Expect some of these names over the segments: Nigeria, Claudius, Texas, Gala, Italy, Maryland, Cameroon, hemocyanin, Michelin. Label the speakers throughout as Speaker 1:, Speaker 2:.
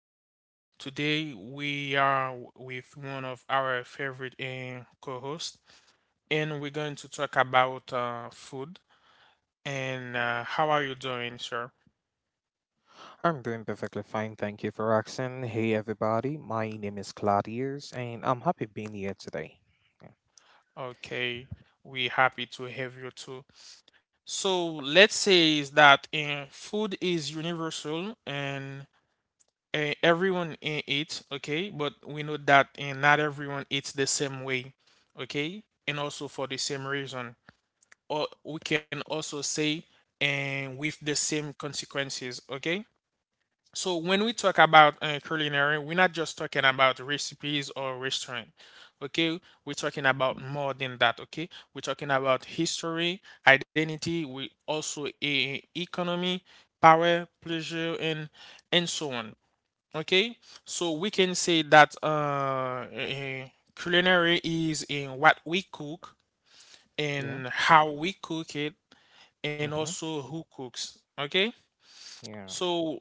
Speaker 1: And today we are with one of our favorite co-hosts, and we're going to talk about food. And how are you doing, sir?
Speaker 2: I'm doing perfectly fine, thank you for asking. Hey everybody, my name is Claudius, and I'm happy being here today. Yeah.
Speaker 1: Okay, we happy to have you too. So let's say is that food is universal, and everyone eats, okay, but we know that not everyone eats the same way, okay, and also for the same reason. Or we can also say and with the same consequences, okay? So when we talk about culinary, we're not just talking about recipes or restaurant, okay? We're talking about more than that, okay? We're talking about history, identity, we also economy, power, pleasure, and so on. Okay, so we can say that culinary is in what we cook
Speaker 2: Yeah.
Speaker 1: and how we cook it, and
Speaker 2: Hmm.
Speaker 1: also who cooks. Okay,
Speaker 2: Yeah.
Speaker 1: so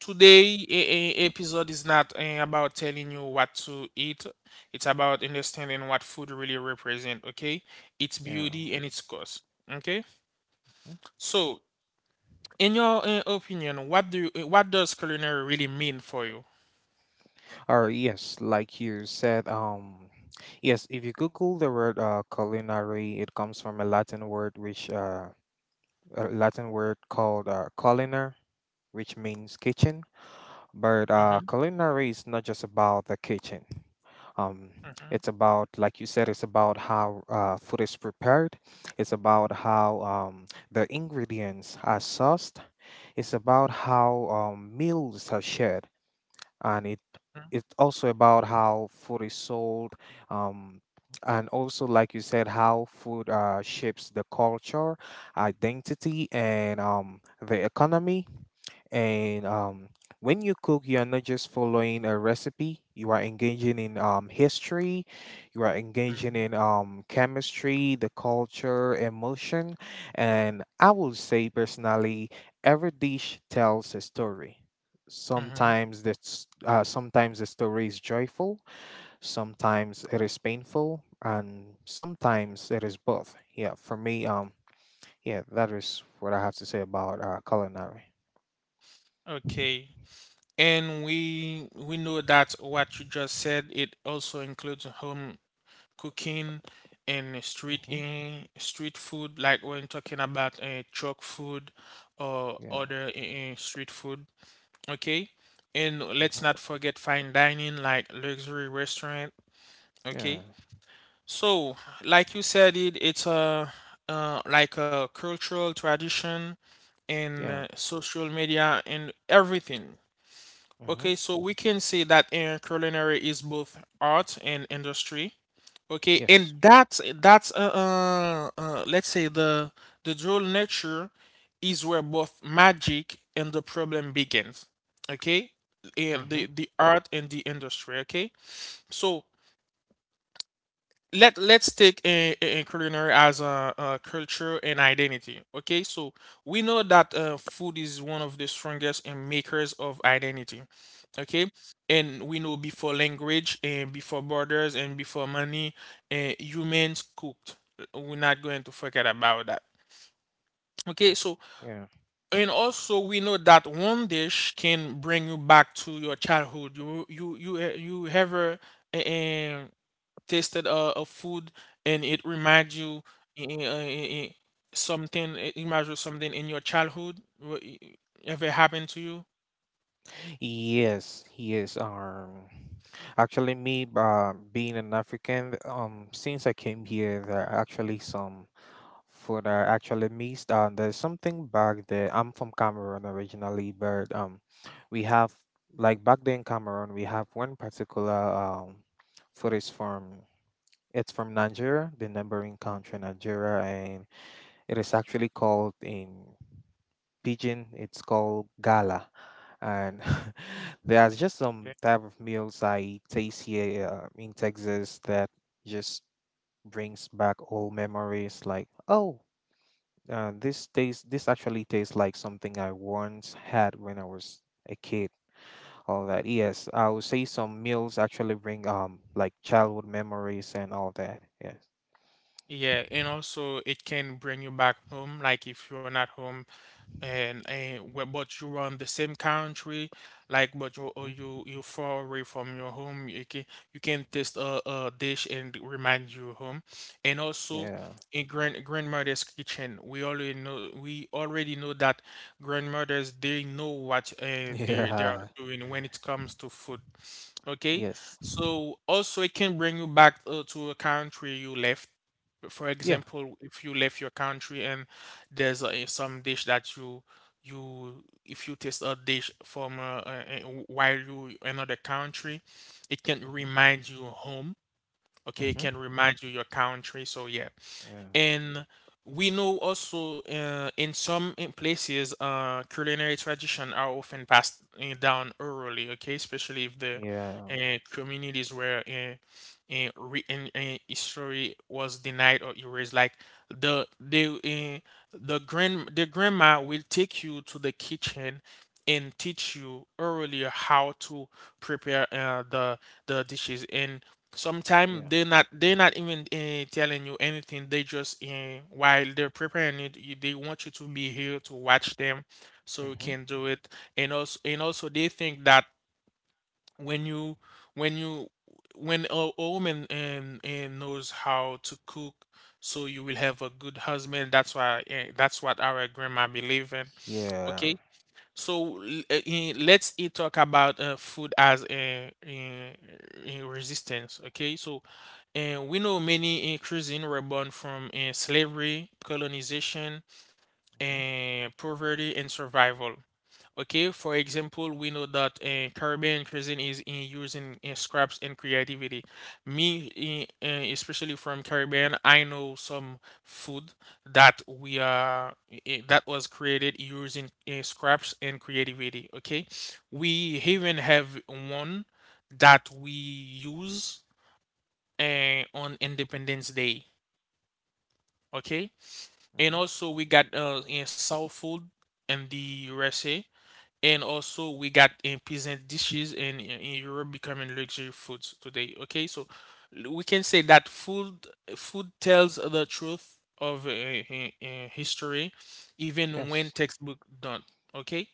Speaker 1: today a episode is not about telling you what to eat. It's about understanding what food really represent. Okay, its
Speaker 2: Yeah.
Speaker 1: beauty and its cost. Okay,
Speaker 2: Mhm.
Speaker 1: so in your opinion, what do you, what does culinary really mean for you?
Speaker 2: Or yes, like you said, yes, if you Google the word culinary, it comes from a Latin word called culinar, which means kitchen. But
Speaker 1: hmm
Speaker 2: culinary is not just about the kitchen. Um,
Speaker 1: hmm
Speaker 2: it's about, like you said, it's about how food is prepared. It's about how the ingredients are sourced. It's about how meals are shared, and it's also about how food is sold, um, and also, like you said, how food shapes the culture, identity, and the economy and when you cook, you are not just following a recipe. You are engaging in history. You are engaging
Speaker 1: hmm
Speaker 2: in chemistry, the culture, emotion, and I will say personally, every dish tells a story.
Speaker 1: hmm
Speaker 2: Sometimes the story is joyful. Sometimes it is painful, and sometimes it is both. Yeah, for me, yeah, that is what I have to say about culinary.
Speaker 1: Okay. And we know that what you just said, it also includes home cooking and
Speaker 2: Hmm.
Speaker 1: street food, like when talking about truck food or other street food. Okay. And let's
Speaker 2: Mhm.
Speaker 1: not forget fine dining, like luxury restaurant.
Speaker 2: Yeah,
Speaker 1: Okay. So, like you said, it's a like a cultural tradition and
Speaker 2: yeah.
Speaker 1: social media and everything.
Speaker 2: Hmm.
Speaker 1: Okay, so we can say that in culinary is both art and industry. Okay,
Speaker 2: Yes.
Speaker 1: and that's let's say the dual nature is where both magic and the problem begins. Okay, and
Speaker 2: Hmm.
Speaker 1: the art and the industry. Okay, so let's take a culinary as a culture and identity, okay, so we know that food is one of the strongest and makers of identity, okay, and we know before language and before borders and before money, humans cooked. We're not going to forget about that, okay, so
Speaker 2: Yeah.
Speaker 1: and also we know that one dish can bring you back to your childhood. You you ever eh, eh, tasted a food and it remind you i- i- i- i- something, it reminds you something in your childhood, ever happened to you?
Speaker 2: Yes, yes. Actually, me being an African, since I came here, there are actually some food I actually missed. There's something back there. I'm from Cameroon originally, but we have like back there in Cameroon, we have one particular food is from it's from Nigeria, the neighboring country, Nigeria. It is actually called in Pigeon, it's called Gala. And there's just some
Speaker 1: Yeah,
Speaker 2: type of meals I taste here in Texas that just brings back old memories like, oh, this tastes, this actually tastes like something I once had when I was a kid. All that. Yes, I would say some meals actually bring like childhood memories and all that. Yes.
Speaker 1: yeah, and also it can bring you back home, like if you're not home and but you are in the same country, like but you or
Speaker 2: Mhm.
Speaker 1: you you far away from your home, you can taste a dish and remind you home. And also
Speaker 2: Yeah.
Speaker 1: in grandmother's kitchen, we already know that grandmothers, they know what they are
Speaker 2: Yeah.
Speaker 1: doing when it comes to food. Okay,
Speaker 2: Yes.
Speaker 1: so also it can bring you back to a country you left. For
Speaker 2: Yeah.
Speaker 1: example, if you left your country and there's some dish that you if you taste a dish from while you another country, it can
Speaker 2: Mm-hmm.
Speaker 1: remind you home. Okay, it
Speaker 2: Mm-hmm.
Speaker 1: can remind you your country. So yeah,
Speaker 2: Yeah.
Speaker 1: and we know also in places culinary tradition are often passed down orally, okay, especially if the
Speaker 2: Yeah.
Speaker 1: communities where history was denied or erased. Like the the the grand the grandma will take you to the kitchen and teach you orally how to prepare the dishes. And sometimes
Speaker 2: Yeah.
Speaker 1: they're not even telling you anything. They just while they're preparing it, you, they want you to be here to watch them, so you
Speaker 2: Mm-hmm.
Speaker 1: can do it. And also they think that when you when you when a woman knows how to cook, so you will have a good husband. That's why that's what our grandma believe in.
Speaker 2: Yeah.
Speaker 1: Okay. So let's talk about food as a resistance. Okay, so and we know many cuisine were born from slavery, colonization,
Speaker 2: Mm-hmm.
Speaker 1: and poverty and survival. Okay, for example, we know that Caribbean cuisine is in using in scraps and creativity. Me, especially from Caribbean, I know some food that we are eh, eh, that was created using scraps and creativity. Okay, we even have one that we use on Independence Day. Okay, and
Speaker 2: Mm-hmm.
Speaker 1: also we got soul food in the USA, and also we got in peasant dishes in Europe becoming luxury foods today. Okay, so we can say that food tells the truth of history, even when
Speaker 2: Yes.
Speaker 1: textbook don't. Okay,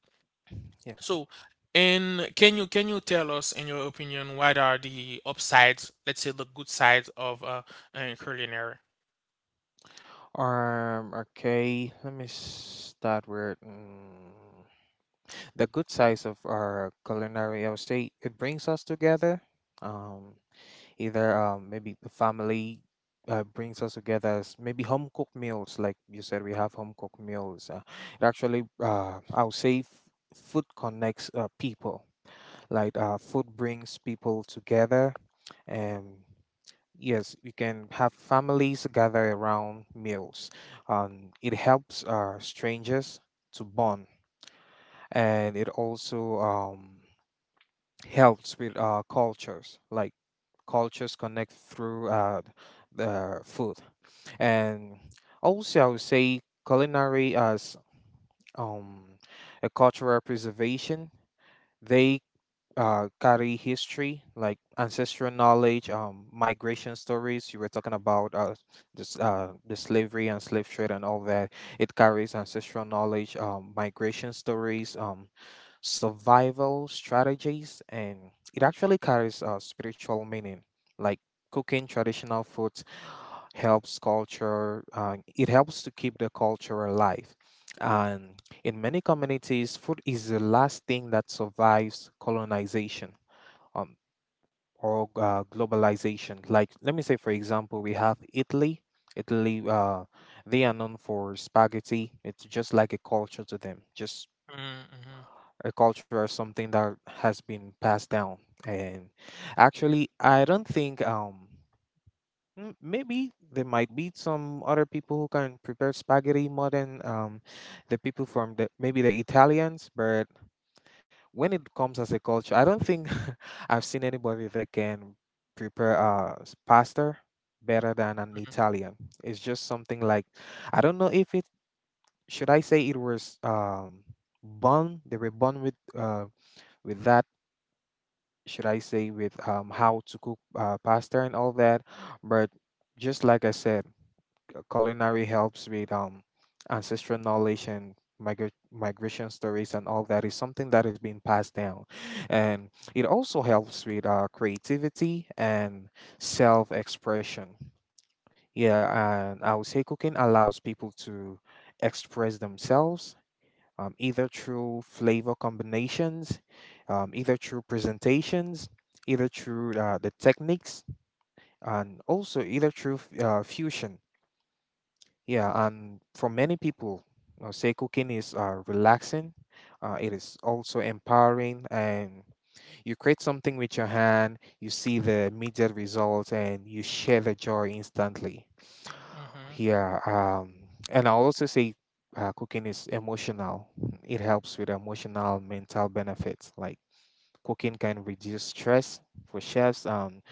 Speaker 2: Yeah.
Speaker 1: so and can you tell us in your opinion what are the upsides? Let's say the good sides of culinary.
Speaker 2: Okay. Let me start with the good sides of our culinary. I would say it brings us together. Um. Either maybe the family. Brings us together as maybe home cooked meals, like you said, we have home cooked meals. I would say, food connects people. Like food brings people together, and yes, you can have families gather around meals. It helps strangers to bond, and it also helps with cultures. Like cultures connect through the food, and also I would say culinary as um, a cultural preservation. They carry history like ancestral knowledge, migration stories. You were talking about the slavery and slave trade and all that. It carries ancestral knowledge, migration stories, survival strategies, and it actually carries spiritual meaning. Like cooking traditional foods helps culture. It helps to keep the culture alive, and in many communities, food is the last thing that survives colonization um, or globalization. Like, let me say, for example, we have Italy. Italy, uh, they are known for spaghetti. It's just like a culture to them, just
Speaker 1: Mm-hmm,
Speaker 2: a culture or something that has been passed down. And actually, I don't think m- maybe there might be some other people who can prepare spaghetti more than the people from the maybe the Italians, but when it comes as a culture, I don't think I've seen anybody that can prepare a pasta better than an Italian. It's just something like I don't know if it should I say it was born they were born with that should I say with how to cook pasta and all that, but just like I said. The culinary helps with ancestral knowledge and migration stories and all that is something that is being passed down. And it also helps with creativity and self expression. Yeah, and I would say cooking allows people to express themselves. Either through flavor combinations, either through presentations, either through the techniques, and also either through fusion. Yeah, and for many people, say cooking is relaxing. It is also empowering, and you create something with your hand. You see the immediate results, and you share the joy instantly.
Speaker 1: hmm
Speaker 2: Yeah, and I'll also say cooking is emotional. It helps with emotional, mental benefits. Like cooking can reduce stress for chefs.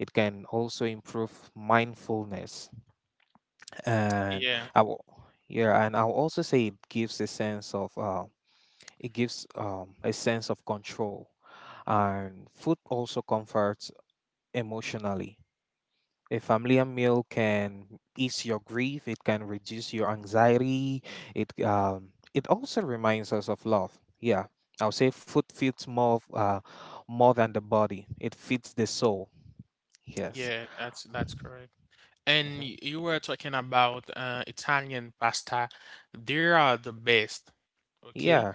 Speaker 2: It can also improve mindfulness and
Speaker 1: Yeah,
Speaker 2: I will, yeah, and I'll also say it gives a sense of it gives a sense of control, and food also comforts emotionally. A familiar meal can ease your grief. It can reduce your anxiety. It it also reminds us of love. Yeah, I'll say food feeds more of, more than the body. It feeds the soul. Yes.
Speaker 1: yeah, that's correct. And
Speaker 2: Hmm.
Speaker 1: you were talking about Italian pasta. They are the best. Okay.
Speaker 2: Yeah.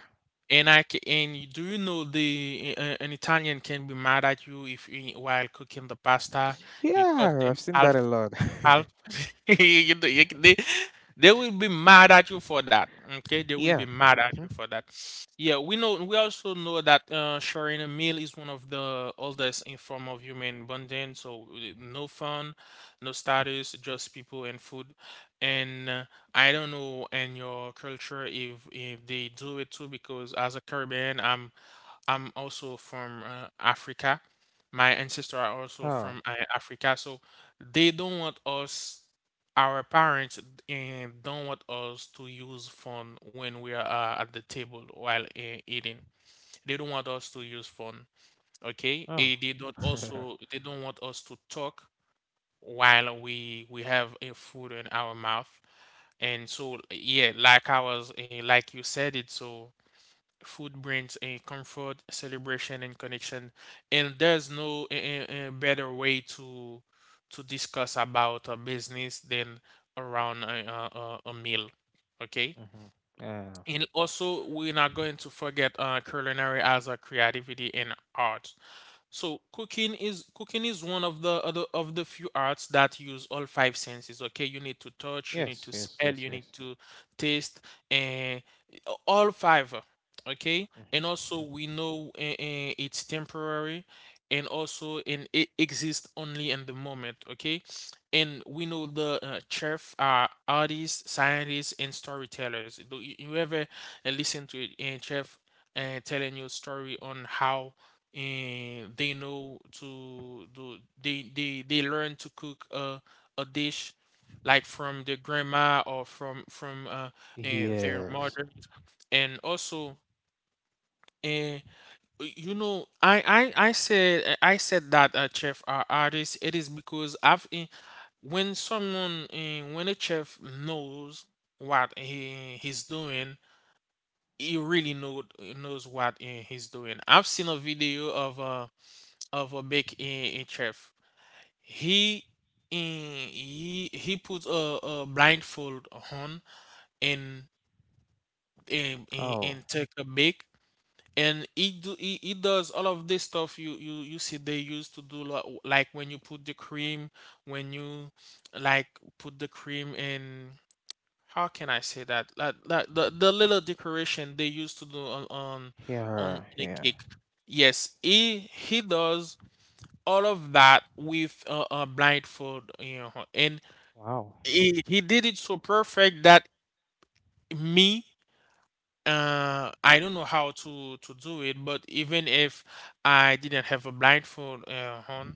Speaker 1: And I ca- and y- do you know the an Italian can be mad at you if you, while cooking the pasta you cut
Speaker 2: Yeah,
Speaker 1: them
Speaker 2: I've seen that
Speaker 1: half,
Speaker 2: a lot.
Speaker 1: you, you, they will be mad at you for that. Okay, they will be
Speaker 2: Yeah.
Speaker 1: mad at
Speaker 2: Mm-hmm.
Speaker 1: you for that. Yeah, we know. We also know that sharing a meal is one of the oldest in form of human bonding. So no fun, no status, just people and food. And I don't know in your culture if they do it too, because as a Caribbean, I'm also from Africa. My ancestors are also
Speaker 2: Oh.
Speaker 1: from Africa, so they don't want us, our parents, and don't want us to use phone when we are at the table while eating. They don't want us to use phone, okay?
Speaker 2: Oh. Mm-hmm.
Speaker 1: They don't want us to talk while we have a food in our mouth. And so yeah, like like you said it, so. Food brings a comfort, celebration, and connection, and there's no better way to discuss about a business than around a meal. Okay,
Speaker 2: Uh,
Speaker 1: and also we're not going to forget culinary as a creativity and art. So cooking is one of the other of the few arts that use all five senses. Okay, you need to touch, you need
Speaker 2: yes.
Speaker 1: to
Speaker 2: Yes.
Speaker 1: smell,
Speaker 2: Yes.
Speaker 1: you need
Speaker 2: Yes.
Speaker 1: to taste, and all five. Okay, and also
Speaker 2: Mm-hmm.
Speaker 1: we know it's temporary, and also in it exists only in the moment. Okay, and we know the chef are artists, scientists, and storytellers. Do you you ever listen to a chef telling you a story on how and they know to do, they learn to cook a dish like from their grandma or from and their
Speaker 2: Yes.
Speaker 1: mother. And also and you know I said that chef are artists, it is because when when a chef knows what he's doing, he really knows what he's doing. I've seen a video of a big in chef. He in, he he put a blindfold on and
Speaker 2: Oh.
Speaker 1: and take a bake, and he does all of this stuff you see they used to do, like when you put the cream, when you like put the cream in, how can I say that, like the little decoration they used to do on on
Speaker 2: Yeah.
Speaker 1: the
Speaker 2: Yeah.
Speaker 1: cake. Yes, he does all of that with a blindfold, you know, and
Speaker 2: Wow.
Speaker 1: he did it so perfect that me, I don't know how to do it, but even if I didn't have a blindfold on,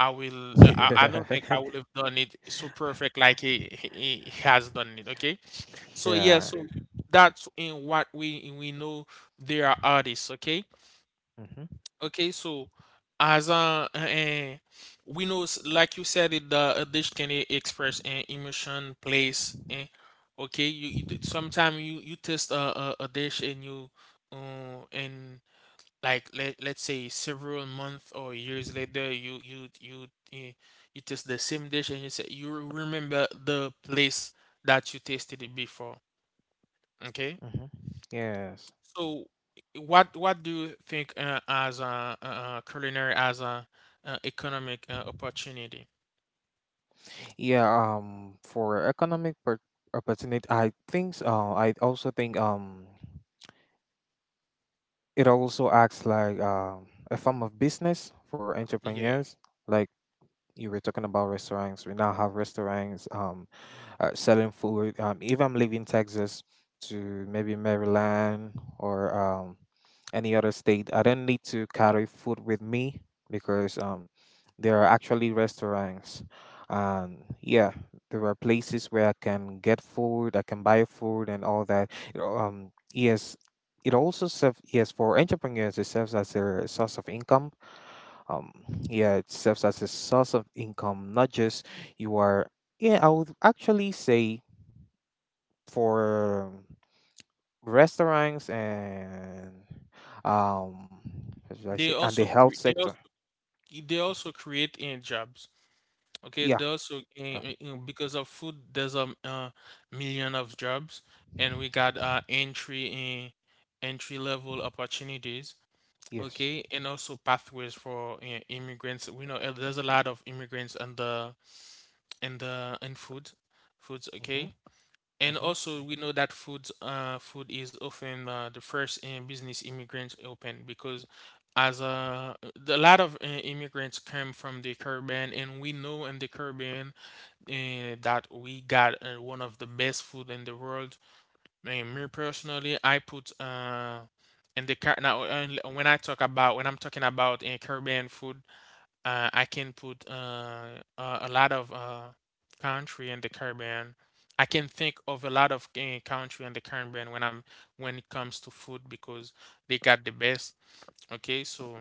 Speaker 1: I will. I don't think
Speaker 2: Yeah.
Speaker 1: I would have done it so perfect like he has done it. Okay, so yeah,
Speaker 2: Yeah.
Speaker 1: so that's in what we know they are artists. Okay.
Speaker 2: Mm-hmm.
Speaker 1: Okay, so as a we know, like you said, it the a dish can express an emotion, place. Okay, you sometimes you you test a dish and you and like let let's say several months or years later, eh, you taste the same dish and you say you remember the place that you tasted it before. Okay.
Speaker 2: Mm-hmm. Yes.
Speaker 1: So, what do you think culinary as a economic opportunity?
Speaker 2: Yeah. For opportunity, I also think. It also acts like a form of business for
Speaker 1: Yeah,
Speaker 2: entrepreneurs. Like you were talking about restaurants. We now have restaurants. Selling food. If I'm leaving Texas to maybe Maryland or any other state, I don't need to carry food with me because there are actually restaurants. And yeah, there are places where I can get food, I can buy food and all that. You know, um, yes, it also serves, yes, for entrepreneurs, it serves as a source of income um yeah it serves as a source of income not just. You are yeah I would actually say for restaurants and um what should I
Speaker 1: they
Speaker 2: say and the
Speaker 1: also
Speaker 2: health sector.
Speaker 1: they also create in jobs. Okay, they
Speaker 2: Yeah,
Speaker 1: also because of food, there's a million of jobs,
Speaker 2: uh,
Speaker 1: and we got entry level opportunities.
Speaker 2: yes.
Speaker 1: Okay, and also pathways for immigrants. We know there's a lot of immigrants in the in food, foods.
Speaker 2: Mm-hmm.
Speaker 1: Okay. And
Speaker 2: Mm-hmm.
Speaker 1: also, we know that food, food is often the first business immigrants open because, as a lot of immigrants come from the Caribbean, and we know in the Caribbean that we got one of the best food in the world. And me personally, I put in the car now when I'm talking about Caribbean food. I can put a lot of country in the Caribbean. I can think of a lot of country in the Caribbean when it comes to food because they got the best. Okay, so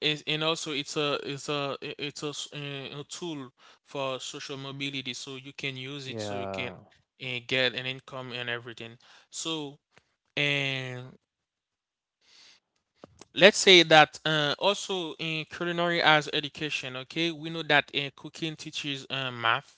Speaker 1: is and also it's a I- it's a, s- a tool for social mobility, so you can use it so you can
Speaker 2: Yeah.
Speaker 1: get an income and everything. So, let's say that also in culinary as education. Okay, we know that cooking teaches math,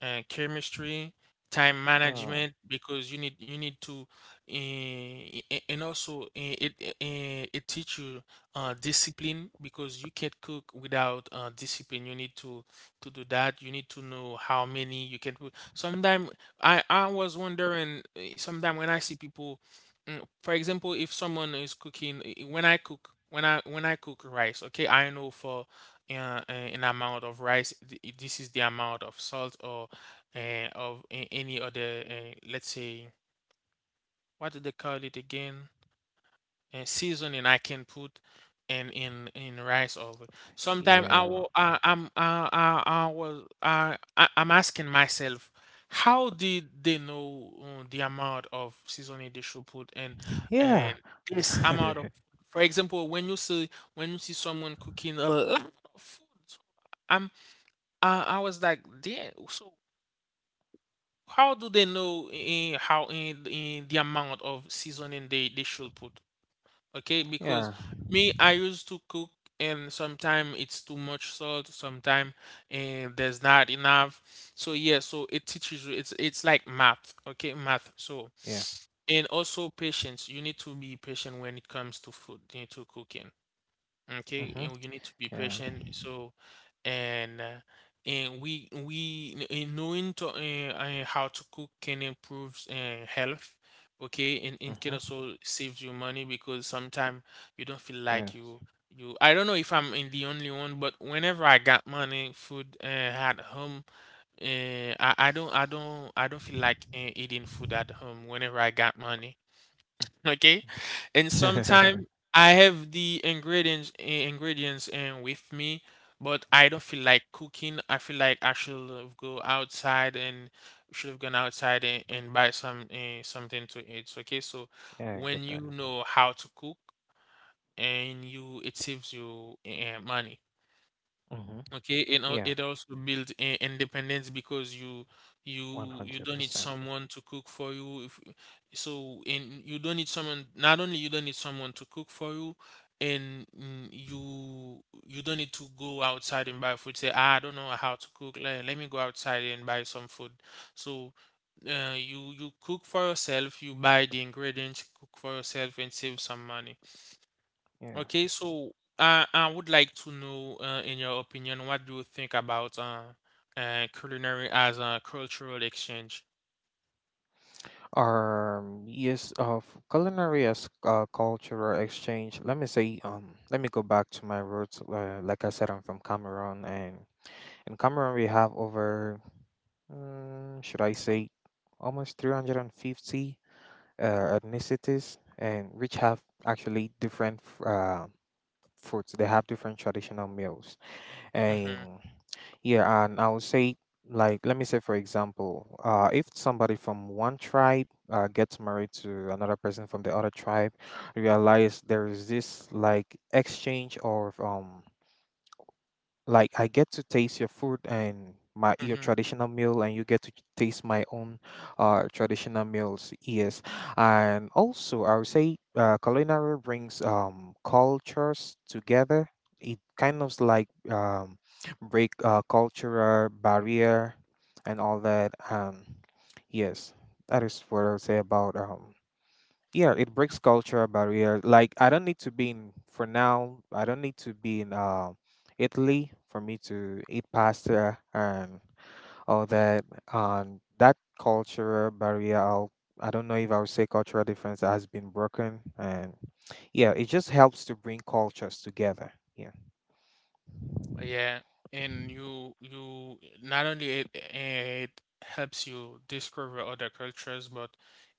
Speaker 1: chemistry, time
Speaker 2: Oh.
Speaker 1: management because you need to and also it teach you discipline because you can't cook without discipline. You need to do that. You need to know how many you can put. Sometimes I was wondering sometimes when I see people. For example, if someone is cooking, when I cook, when I cook rice, okay, I know for an amount of rice, this is the amount of salt or of any other, let's say, what do they call it again? And seasoning I can put in rice over. Sometimes I
Speaker 2: Yeah.
Speaker 1: will I, I'm I was I I'm asking myself, how did they know the amount of seasoning they should put in and
Speaker 2: Yeah.
Speaker 1: this amount of for example when you see someone cooking a lot of food. So I'm, I was like, yeah, so how do they know in the amount of seasoning they should put. Okay, because
Speaker 2: Yeah.
Speaker 1: me, I used to cook and sometimes it's too much salt, sometimes, and there's not enough. So yeah, so it teaches you it's like math, okay, math. So,
Speaker 2: Yeah.
Speaker 1: and also patience. You need to be patient. When it comes to food, you need to cooking. Okay,
Speaker 2: Mm-hmm.
Speaker 1: and you need to be
Speaker 2: Yeah.
Speaker 1: patient. So, and we in knowing to how to cook can improve health. Okay, and it can
Speaker 2: Mm-hmm.
Speaker 1: also save you money because sometimes you don't feel like
Speaker 2: Yes.
Speaker 1: you you. I don't know if I'm in the only one, but whenever I got money, food at home, I don't I don't I don't feel like eating food at home whenever I got money, okay, and sometimes I have the ingredients and with me, but I don't feel like cooking. I feel like I should have gone outside and buy some something to eat, okay? So
Speaker 2: Yeah, I
Speaker 1: when
Speaker 2: get that.
Speaker 1: you know how to cook and you, it saves you money.
Speaker 2: Mm-hmm.
Speaker 1: Okay, and
Speaker 2: Yeah.
Speaker 1: it also build independence because you you don't need
Speaker 2: 100%.
Speaker 1: someone to cook for you. If, so and you don't need someone. Not only you don't need someone to cook for you, and you you don't need to go outside and buy food. Say, "Ah, I don't know how to cook. Let, let me go outside and buy some food." So you you cook for yourself. You buy the ingredients, cook for yourself, and save some money.
Speaker 2: Yeah.
Speaker 1: Okay, so I would like to know, in your opinion, what do you think about culinary as a cultural exchange?
Speaker 2: Yes, of culinary as cultural exchange. Let me say, let me go back to my roots. Like I said, I'm from Cameroon, and in Cameroon we have over, should I say, almost 350 uh, ethnicities, and which have actually different foods. They have different traditional meals.
Speaker 1: Mm-hmm.
Speaker 2: And yeah, and I would say, like, let me say, for example, if somebody from one tribe gets married to another person from the other tribe, realize there is this like exchange of like I get to taste your food and my your
Speaker 1: Mm-hmm.
Speaker 2: traditional meal and you get to taste my own traditional meals. Yes, and also I would say culinary brings cultures together. It kind of like break cultural barrier and all that, yes, that is what I would say about yeah it breaks cultural barrier like I don't need to be in for now I don't need to be in Italy for me to eat pasta and all that. And that cultural barrier I don't know if I would say cultural difference has been broken, and yeah it just helps to bring cultures together. Yeah.
Speaker 1: Yeah, and you not only it it helps you discover other cultures, but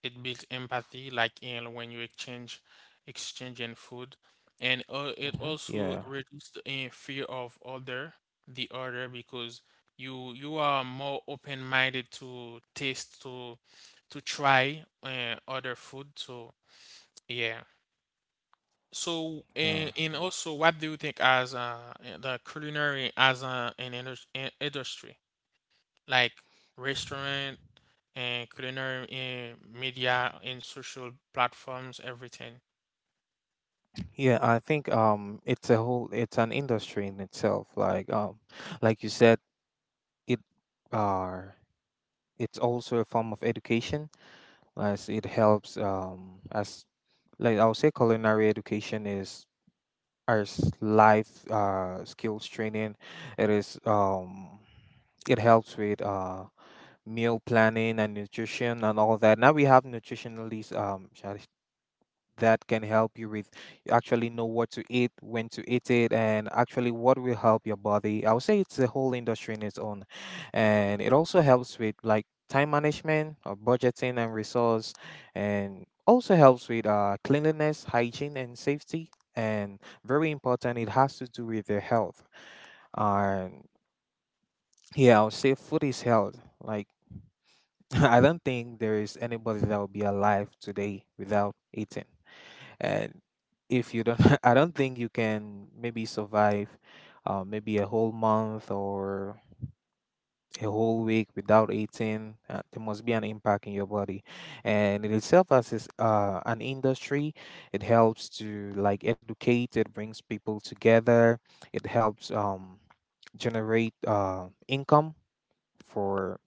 Speaker 1: it builds empathy, like in when you exchange exchanging food, and it
Speaker 2: Hmm.
Speaker 1: also
Speaker 2: Yeah.
Speaker 1: reduces the fear of other the other because you are more open-minded to taste to try other food. So yeah. So,
Speaker 2: Yeah.
Speaker 1: and also, what do you think as in the culinary as a, an industry, like restaurant and culinary and media and social platforms, everything?
Speaker 2: Yeah, I think it's a whole it's an industry in itself like you said it uh it's also a form of education as it helps as like I would say culinary education is as life skills training. It is it helps with meal planning and nutrition and all that. Now we have nutritionalists, that can help you with you actually know what to eat, when to eat it, and actually what will help your body. I would say it's a whole industry in its own. And it also helps with like time management or budgeting and resource, and also helps with cleanliness, hygiene and safety. And very important, it has to do with your health. And yeah, I would say food is health. Like I don't think there is anybody that will be alive today without eating, and if you don't, I don't think you can maybe survive maybe a whole month or a whole week without eating. Uh, there must be an impact in your body, and in itself as is, an industry it helps to like educate, it brings people together, it helps generate income for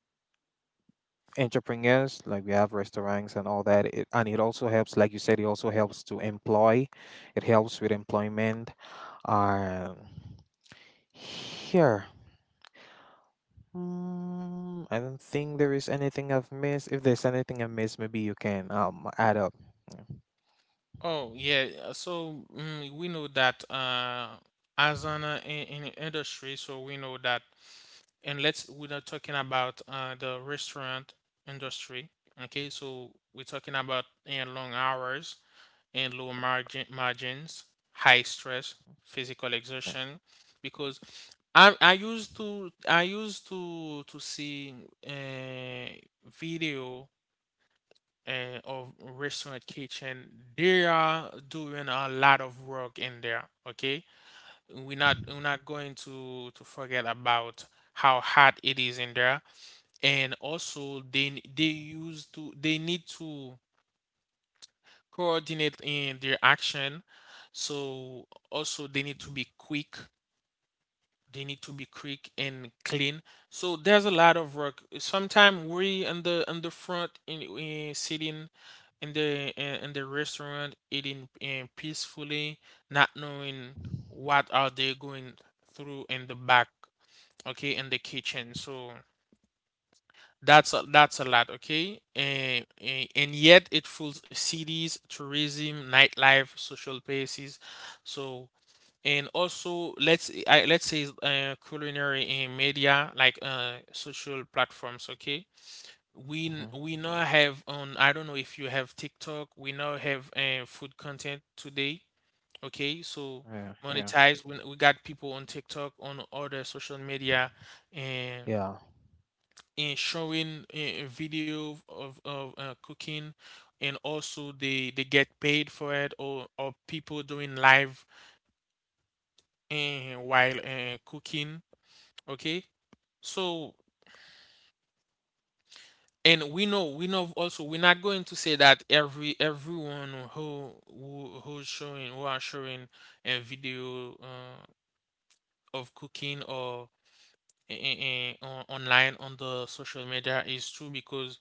Speaker 2: entrepreneurs like we have restaurants and all that, it, and it also helps like you said it also helps to employ, it helps with employment. um here, I don't think there is anything I've missed. If there's anything I missed maybe you can add up.
Speaker 1: Oh, yeah. So, we know that as an in the industry, so we know that, and let's, we're not talking about the restaurant industry, okay? So, we're talking about long hours, and low margin margins, high stress, physical
Speaker 2: Yeah. Yeah.
Speaker 1: exertion. Because I used to see uh, video of restaurant kitchen. They are doing a lot of work in there. Okay, we're not going to forget about how hard it is in there, and also they use to they need to coordinate in their action. So also they need to be quick. They need to be quick and clean. So there's a lot of work. Sometimes we in the front in sitting in the restaurant eating peacefully, not knowing what are they going through in the back, okay, in the kitchen. So that's a lot, okay? And yet it fuels cities, tourism, nightlife, social places. So and also let's say culinary and media like social platforms, okay?
Speaker 2: Hmm.
Speaker 1: We now have on I don't know if you have TikTok. We now have food content today, okay? So
Speaker 2: Yeah. Yeah.
Speaker 1: monetize. We got people on TikTok on other social media, and
Speaker 2: Yeah.
Speaker 1: in showing a video of cooking, and also they get paid for it, or people doing live while cooking, okay? So and we know also we're not going to say that everyone who's showing who are showing a video of cooking or in, online on the social media is true because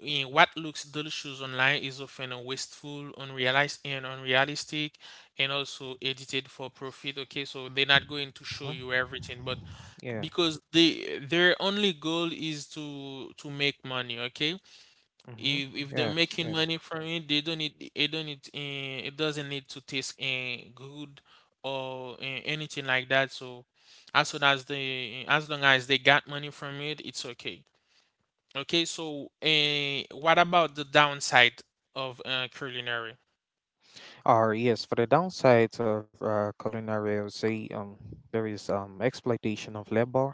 Speaker 1: in what looks delicious online is often wasteful, unrealized, and unrealistic, and also edited for profit. Okay, so they're not going to show
Speaker 2: Mhm.
Speaker 1: you everything, but
Speaker 2: Yeah.
Speaker 1: because they their only goal is to make money. Okay,
Speaker 2: Hmm.
Speaker 1: if they're
Speaker 2: Yes,
Speaker 1: making
Speaker 2: yes.
Speaker 1: money from it, they don't need it don't need eh, it doesn't need to taste good or anything like that. So as soon as they as long as they got money from it, it's okay. Okay, so what about the downside of culinary?
Speaker 2: For the downsides of culinary, I would say there is exploitation of labor.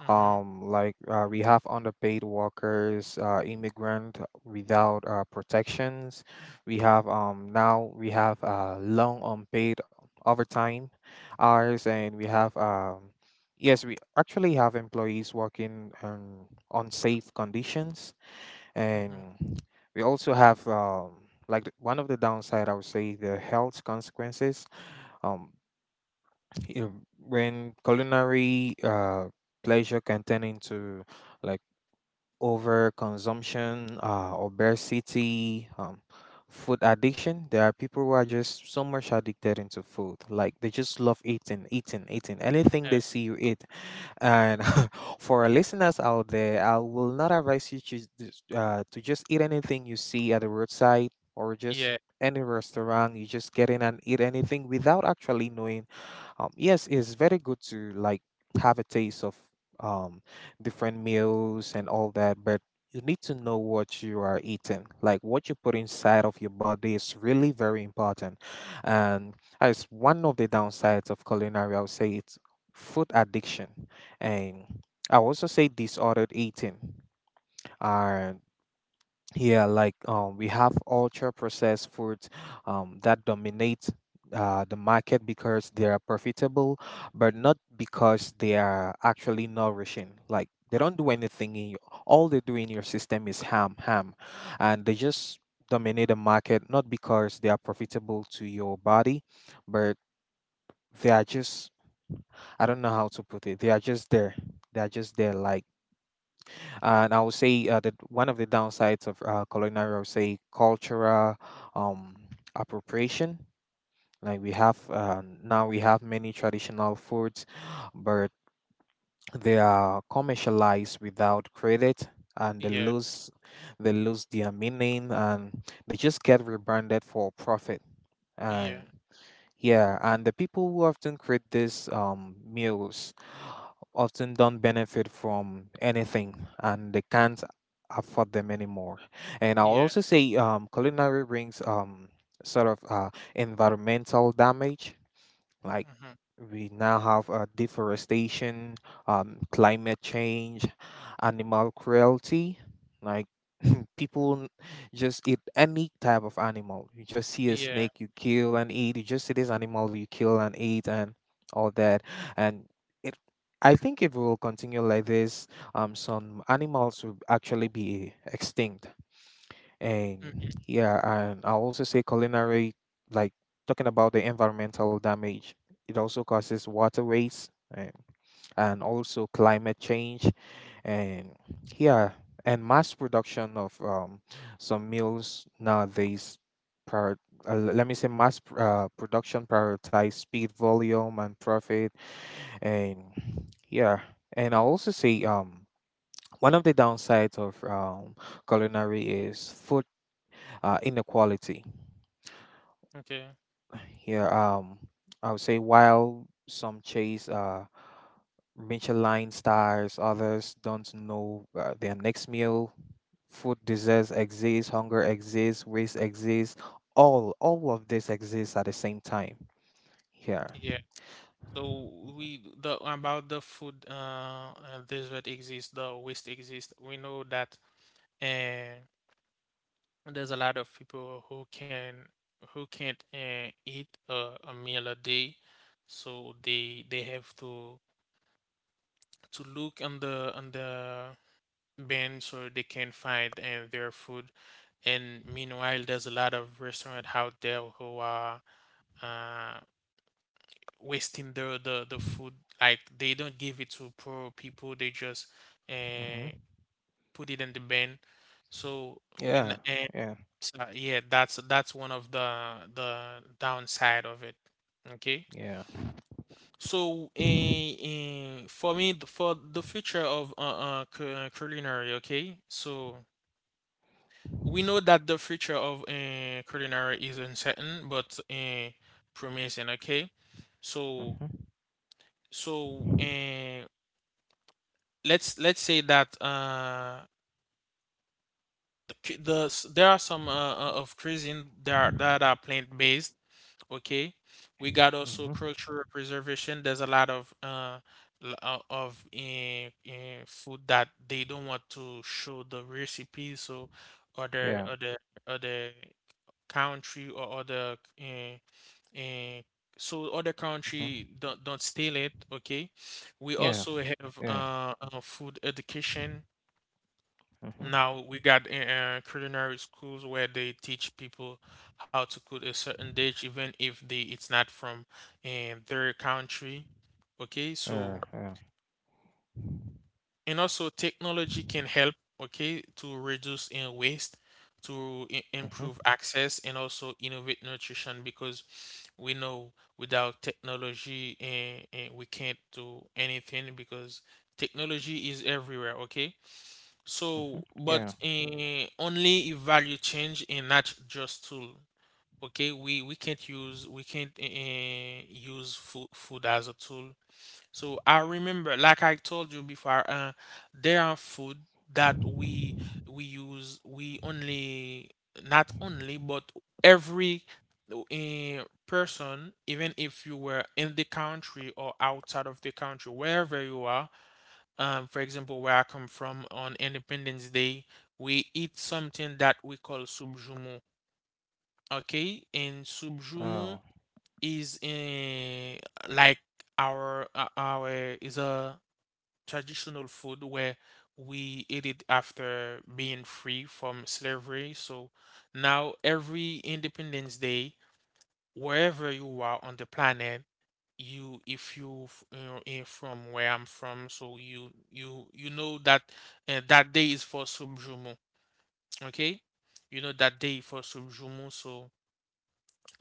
Speaker 1: Mm-hmm.
Speaker 2: Like we have underpaid workers, immigrant without protections. We have now we have long unpaid overtime hours, and we have yes, we actually have employees working on safe conditions,
Speaker 1: Mm-hmm.
Speaker 2: and we also have one of the downside I would say the health consequences. um, you know, when culinary pleasure can turn into like over consumption, obesity, food addiction. There are people who are just so much addicted into food, like they just love eating eating eating anything they see you eat. And for our listeners out there, I will not advise you to, just eat anything you see at the roadside or just
Speaker 1: Yeah,
Speaker 2: any restaurant. You just get in and eat anything without actually knowing. Yes, it's very good to like have a taste of um, different meals and all that, but you need to know what you are eating. Like what you put inside of your body is really very important, and as one of the downsides of culinary, I would say it's food addiction, and I would also say disordered eating. And yeah, like we have ultra processed foods that dominate the market because they are profitable, but not because they are actually nourishing. Like they don't do anything in you. All they do in your system is ham, ham, and they just dominate the market not because they are profitable to your body, but they are just, I don't know how to put it. They are just there. They are just there. Like, and I would say that one of the downsides of culinary, I would say, cultural um, appropriation. Like we have now, we have many traditional foods, but they are commercialized without credit, and
Speaker 1: yeah,
Speaker 2: they lose their meaning, and they just get rebranded for profit.
Speaker 1: yeah,
Speaker 2: And
Speaker 1: yeah,
Speaker 2: yeah, and the people who often create these meals often don't benefit from anything and they can't afford them anymore. And I'll
Speaker 1: yeah,
Speaker 2: also say culinary brings sort of environmental damage. Like
Speaker 1: mm-hmm,
Speaker 2: we now have deforestation, climate change, animal cruelty. Like people n- just eat any type of animal. You just see a
Speaker 1: yeah,
Speaker 2: snake, you kill and eat. You just see this animal, you kill and eat, and all that. And it, I think if we will continue like this, some animals will actually be extinct. And
Speaker 1: mm-hmm,
Speaker 2: yeah, and I'll also say culinary, like, talking about the environmental damage, it also causes water waste, and also climate change. And yeah, and mass production of some meals nowadays, prior, l- let me say mass production prioritize speed, volume, and profit. And yeah, and I'll also say one of the downsides of culinary is food inequality.
Speaker 1: okay,
Speaker 2: Here, I would say while some chase Michelin stars, others don't know their next meal. Food deserts exist, hunger exists, waste exists. All of this exists at the same time. Here.
Speaker 1: yeah. So we the about the food desert exists, the waste exists. We know that, and there's a lot of people who can who can't eat a meal a day, so they have to look on the bin so they can find their food, and meanwhile there's a lot of restaurant out there who are uh, wasting the food, like they don't give it to poor people, they just uh
Speaker 2: Hmm.
Speaker 1: put it in the bin. So when
Speaker 2: Yeah. Yeah.
Speaker 1: so, yeah, that's one of the downside of it, okay.
Speaker 2: Yeah.
Speaker 1: So for me for the future of culinary, okay, so we know that the future of culinary is uncertain but promising, okay. So,
Speaker 2: Mm-hmm.
Speaker 1: so let's say that there are some of cuisine that are plant based, okay. We got also
Speaker 2: Mm-hmm.
Speaker 1: cultural preservation. There's a lot of of in food that they don't want to show the recipe, so other
Speaker 2: Yeah.
Speaker 1: other other country or other uh, so other country
Speaker 2: Mm-hmm.
Speaker 1: don't steal it, okay. We
Speaker 2: Yeah.
Speaker 1: also have
Speaker 2: Yeah.
Speaker 1: food education.
Speaker 2: Mm-hmm.
Speaker 1: Now we got culinary schools where they teach people how to cook a certain dish, even if they it's not from their country. Okay, so
Speaker 2: Yeah. Yeah.
Speaker 1: and also technology can help. Okay, to reduce in waste, to
Speaker 2: Mm-hmm.
Speaker 1: improve access, and also innovate nutrition because we know without technology, we can't do anything because technology is everywhere. Okay.
Speaker 2: Mm-hmm.
Speaker 1: So, but
Speaker 2: Yeah.
Speaker 1: only if value change and not just tool. Okay, we can't use we can't use food as a tool. So I remember, like I told you before, there are food that we use. We only, not only, but every person, even if you were in the country or outside of the country, wherever you are. For example, where I come from, on Independence Day, we eat something that we call Subjumu. Okay, and Subjumu
Speaker 2: Oh.
Speaker 1: is in like our is a traditional food where we ate it after being free from slavery. So now every Independence Day, wherever you are on the planet, you if you you know, in from where I'm from, so you know that that day is for Subjumu, okay? You know that day for Subjumu. So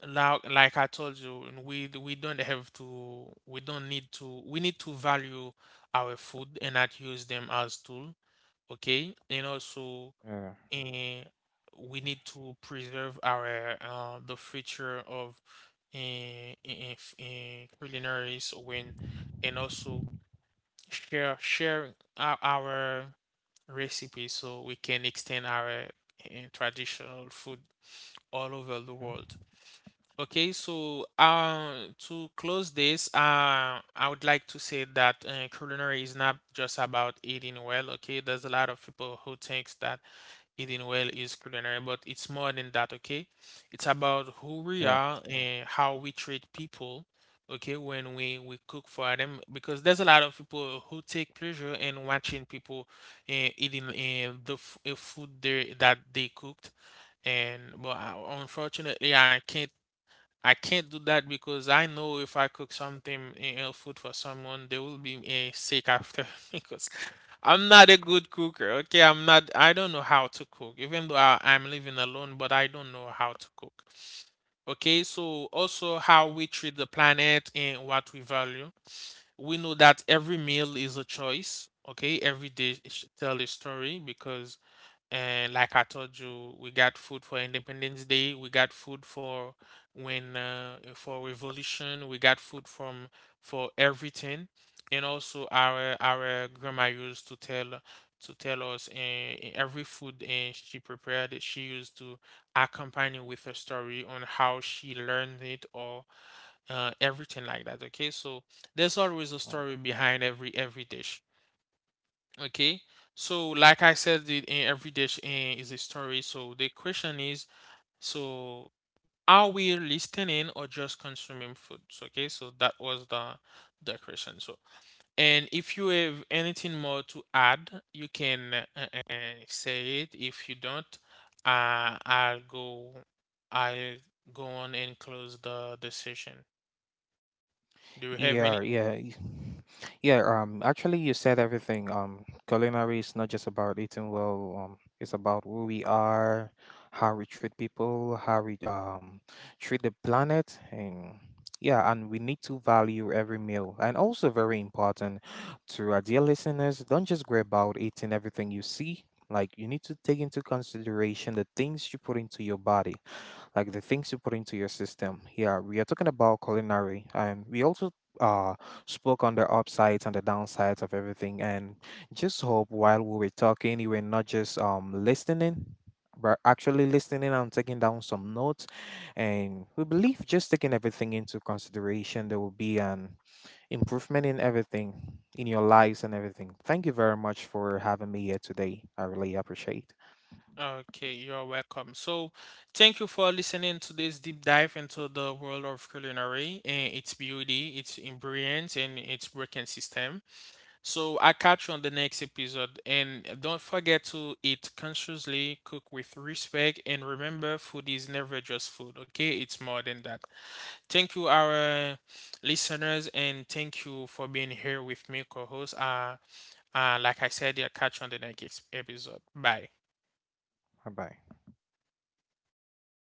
Speaker 1: now like I told you, and we we don't have to we don't need to we need to value our food and not use them as tool, okay. And also,
Speaker 2: Yeah.
Speaker 1: and we need to preserve our the future of in culinaries when, and also share our recipes, so we can extend our traditional food all over the
Speaker 2: Mhm.
Speaker 1: world, okay. So to close this, I would like to say that culinary is not just about eating well. Okay, there's a lot of people who thinks that eating well is culinary, but it's more than that, okay? It's about who we
Speaker 2: Yeah.
Speaker 1: are and how we treat people, okay, when we cook for them, because there's a lot of people who take pleasure in watching people eating food they that they cooked. And but unfortunately I can't do that because I know if I cook something food for someone, they will be sick after because I'm not a good cooker. Okay, I'm not. I don't know how to cook, even though I'm living alone, but I don't know how to cook. Okay, so also how we treat the planet and what we value. We know that every meal is a choice. Okay, every day tell a story, because, and like I told you, we got food for Independence Day. We got food for when for revolution. We got food from for everything. And also our grandma used to tell us every food and she prepared it. She used to accompany with a story on how she learned it, or everything like that. Okay, so there's always a story behind every dish. Okay, so like I said, the, every dish is a story. So the question is, so are we listening or just consuming food? So, okay, so that was the question. So, and if you have anything more to add, you can say it. If you don't, I'll go. I'll go on and close the session. Do you have any?
Speaker 2: Yeah, yeah, yeah. Actually, you said everything. Culinary is not just about eating well. It's about who we are, how we treat people, how we treat the planet, and yeah, and we need to value every meal. And also, very important to our dear listeners, don't just grab out eating everything you see. Like you need to take into consideration the things you put into your body, like the things you put into your system. Yeah, we are talking about culinary, and we also uh spoke on the upsides and the downsides of everything. And just hope while we were talking, you were not just listening, but actually listening and taking down some notes. And we believe just taking everything into consideration, there will be an improvement in everything, in your lives and everything. Thank you very much for having me here today. I really appreciate.
Speaker 1: Okay, you're welcome. So, thank you for listening to this deep dive into the world of culinary and its beauty, its ingredients, and its working system. So, I catch you on the next episode. And don't forget to eat consciously, cook with respect, and remember, food is never just food, okay? It's more than that. Thank you, our listeners, and thank you for being here with me, co host. Like I said, I catch you on the next episode. Bye.
Speaker 2: Bye bye.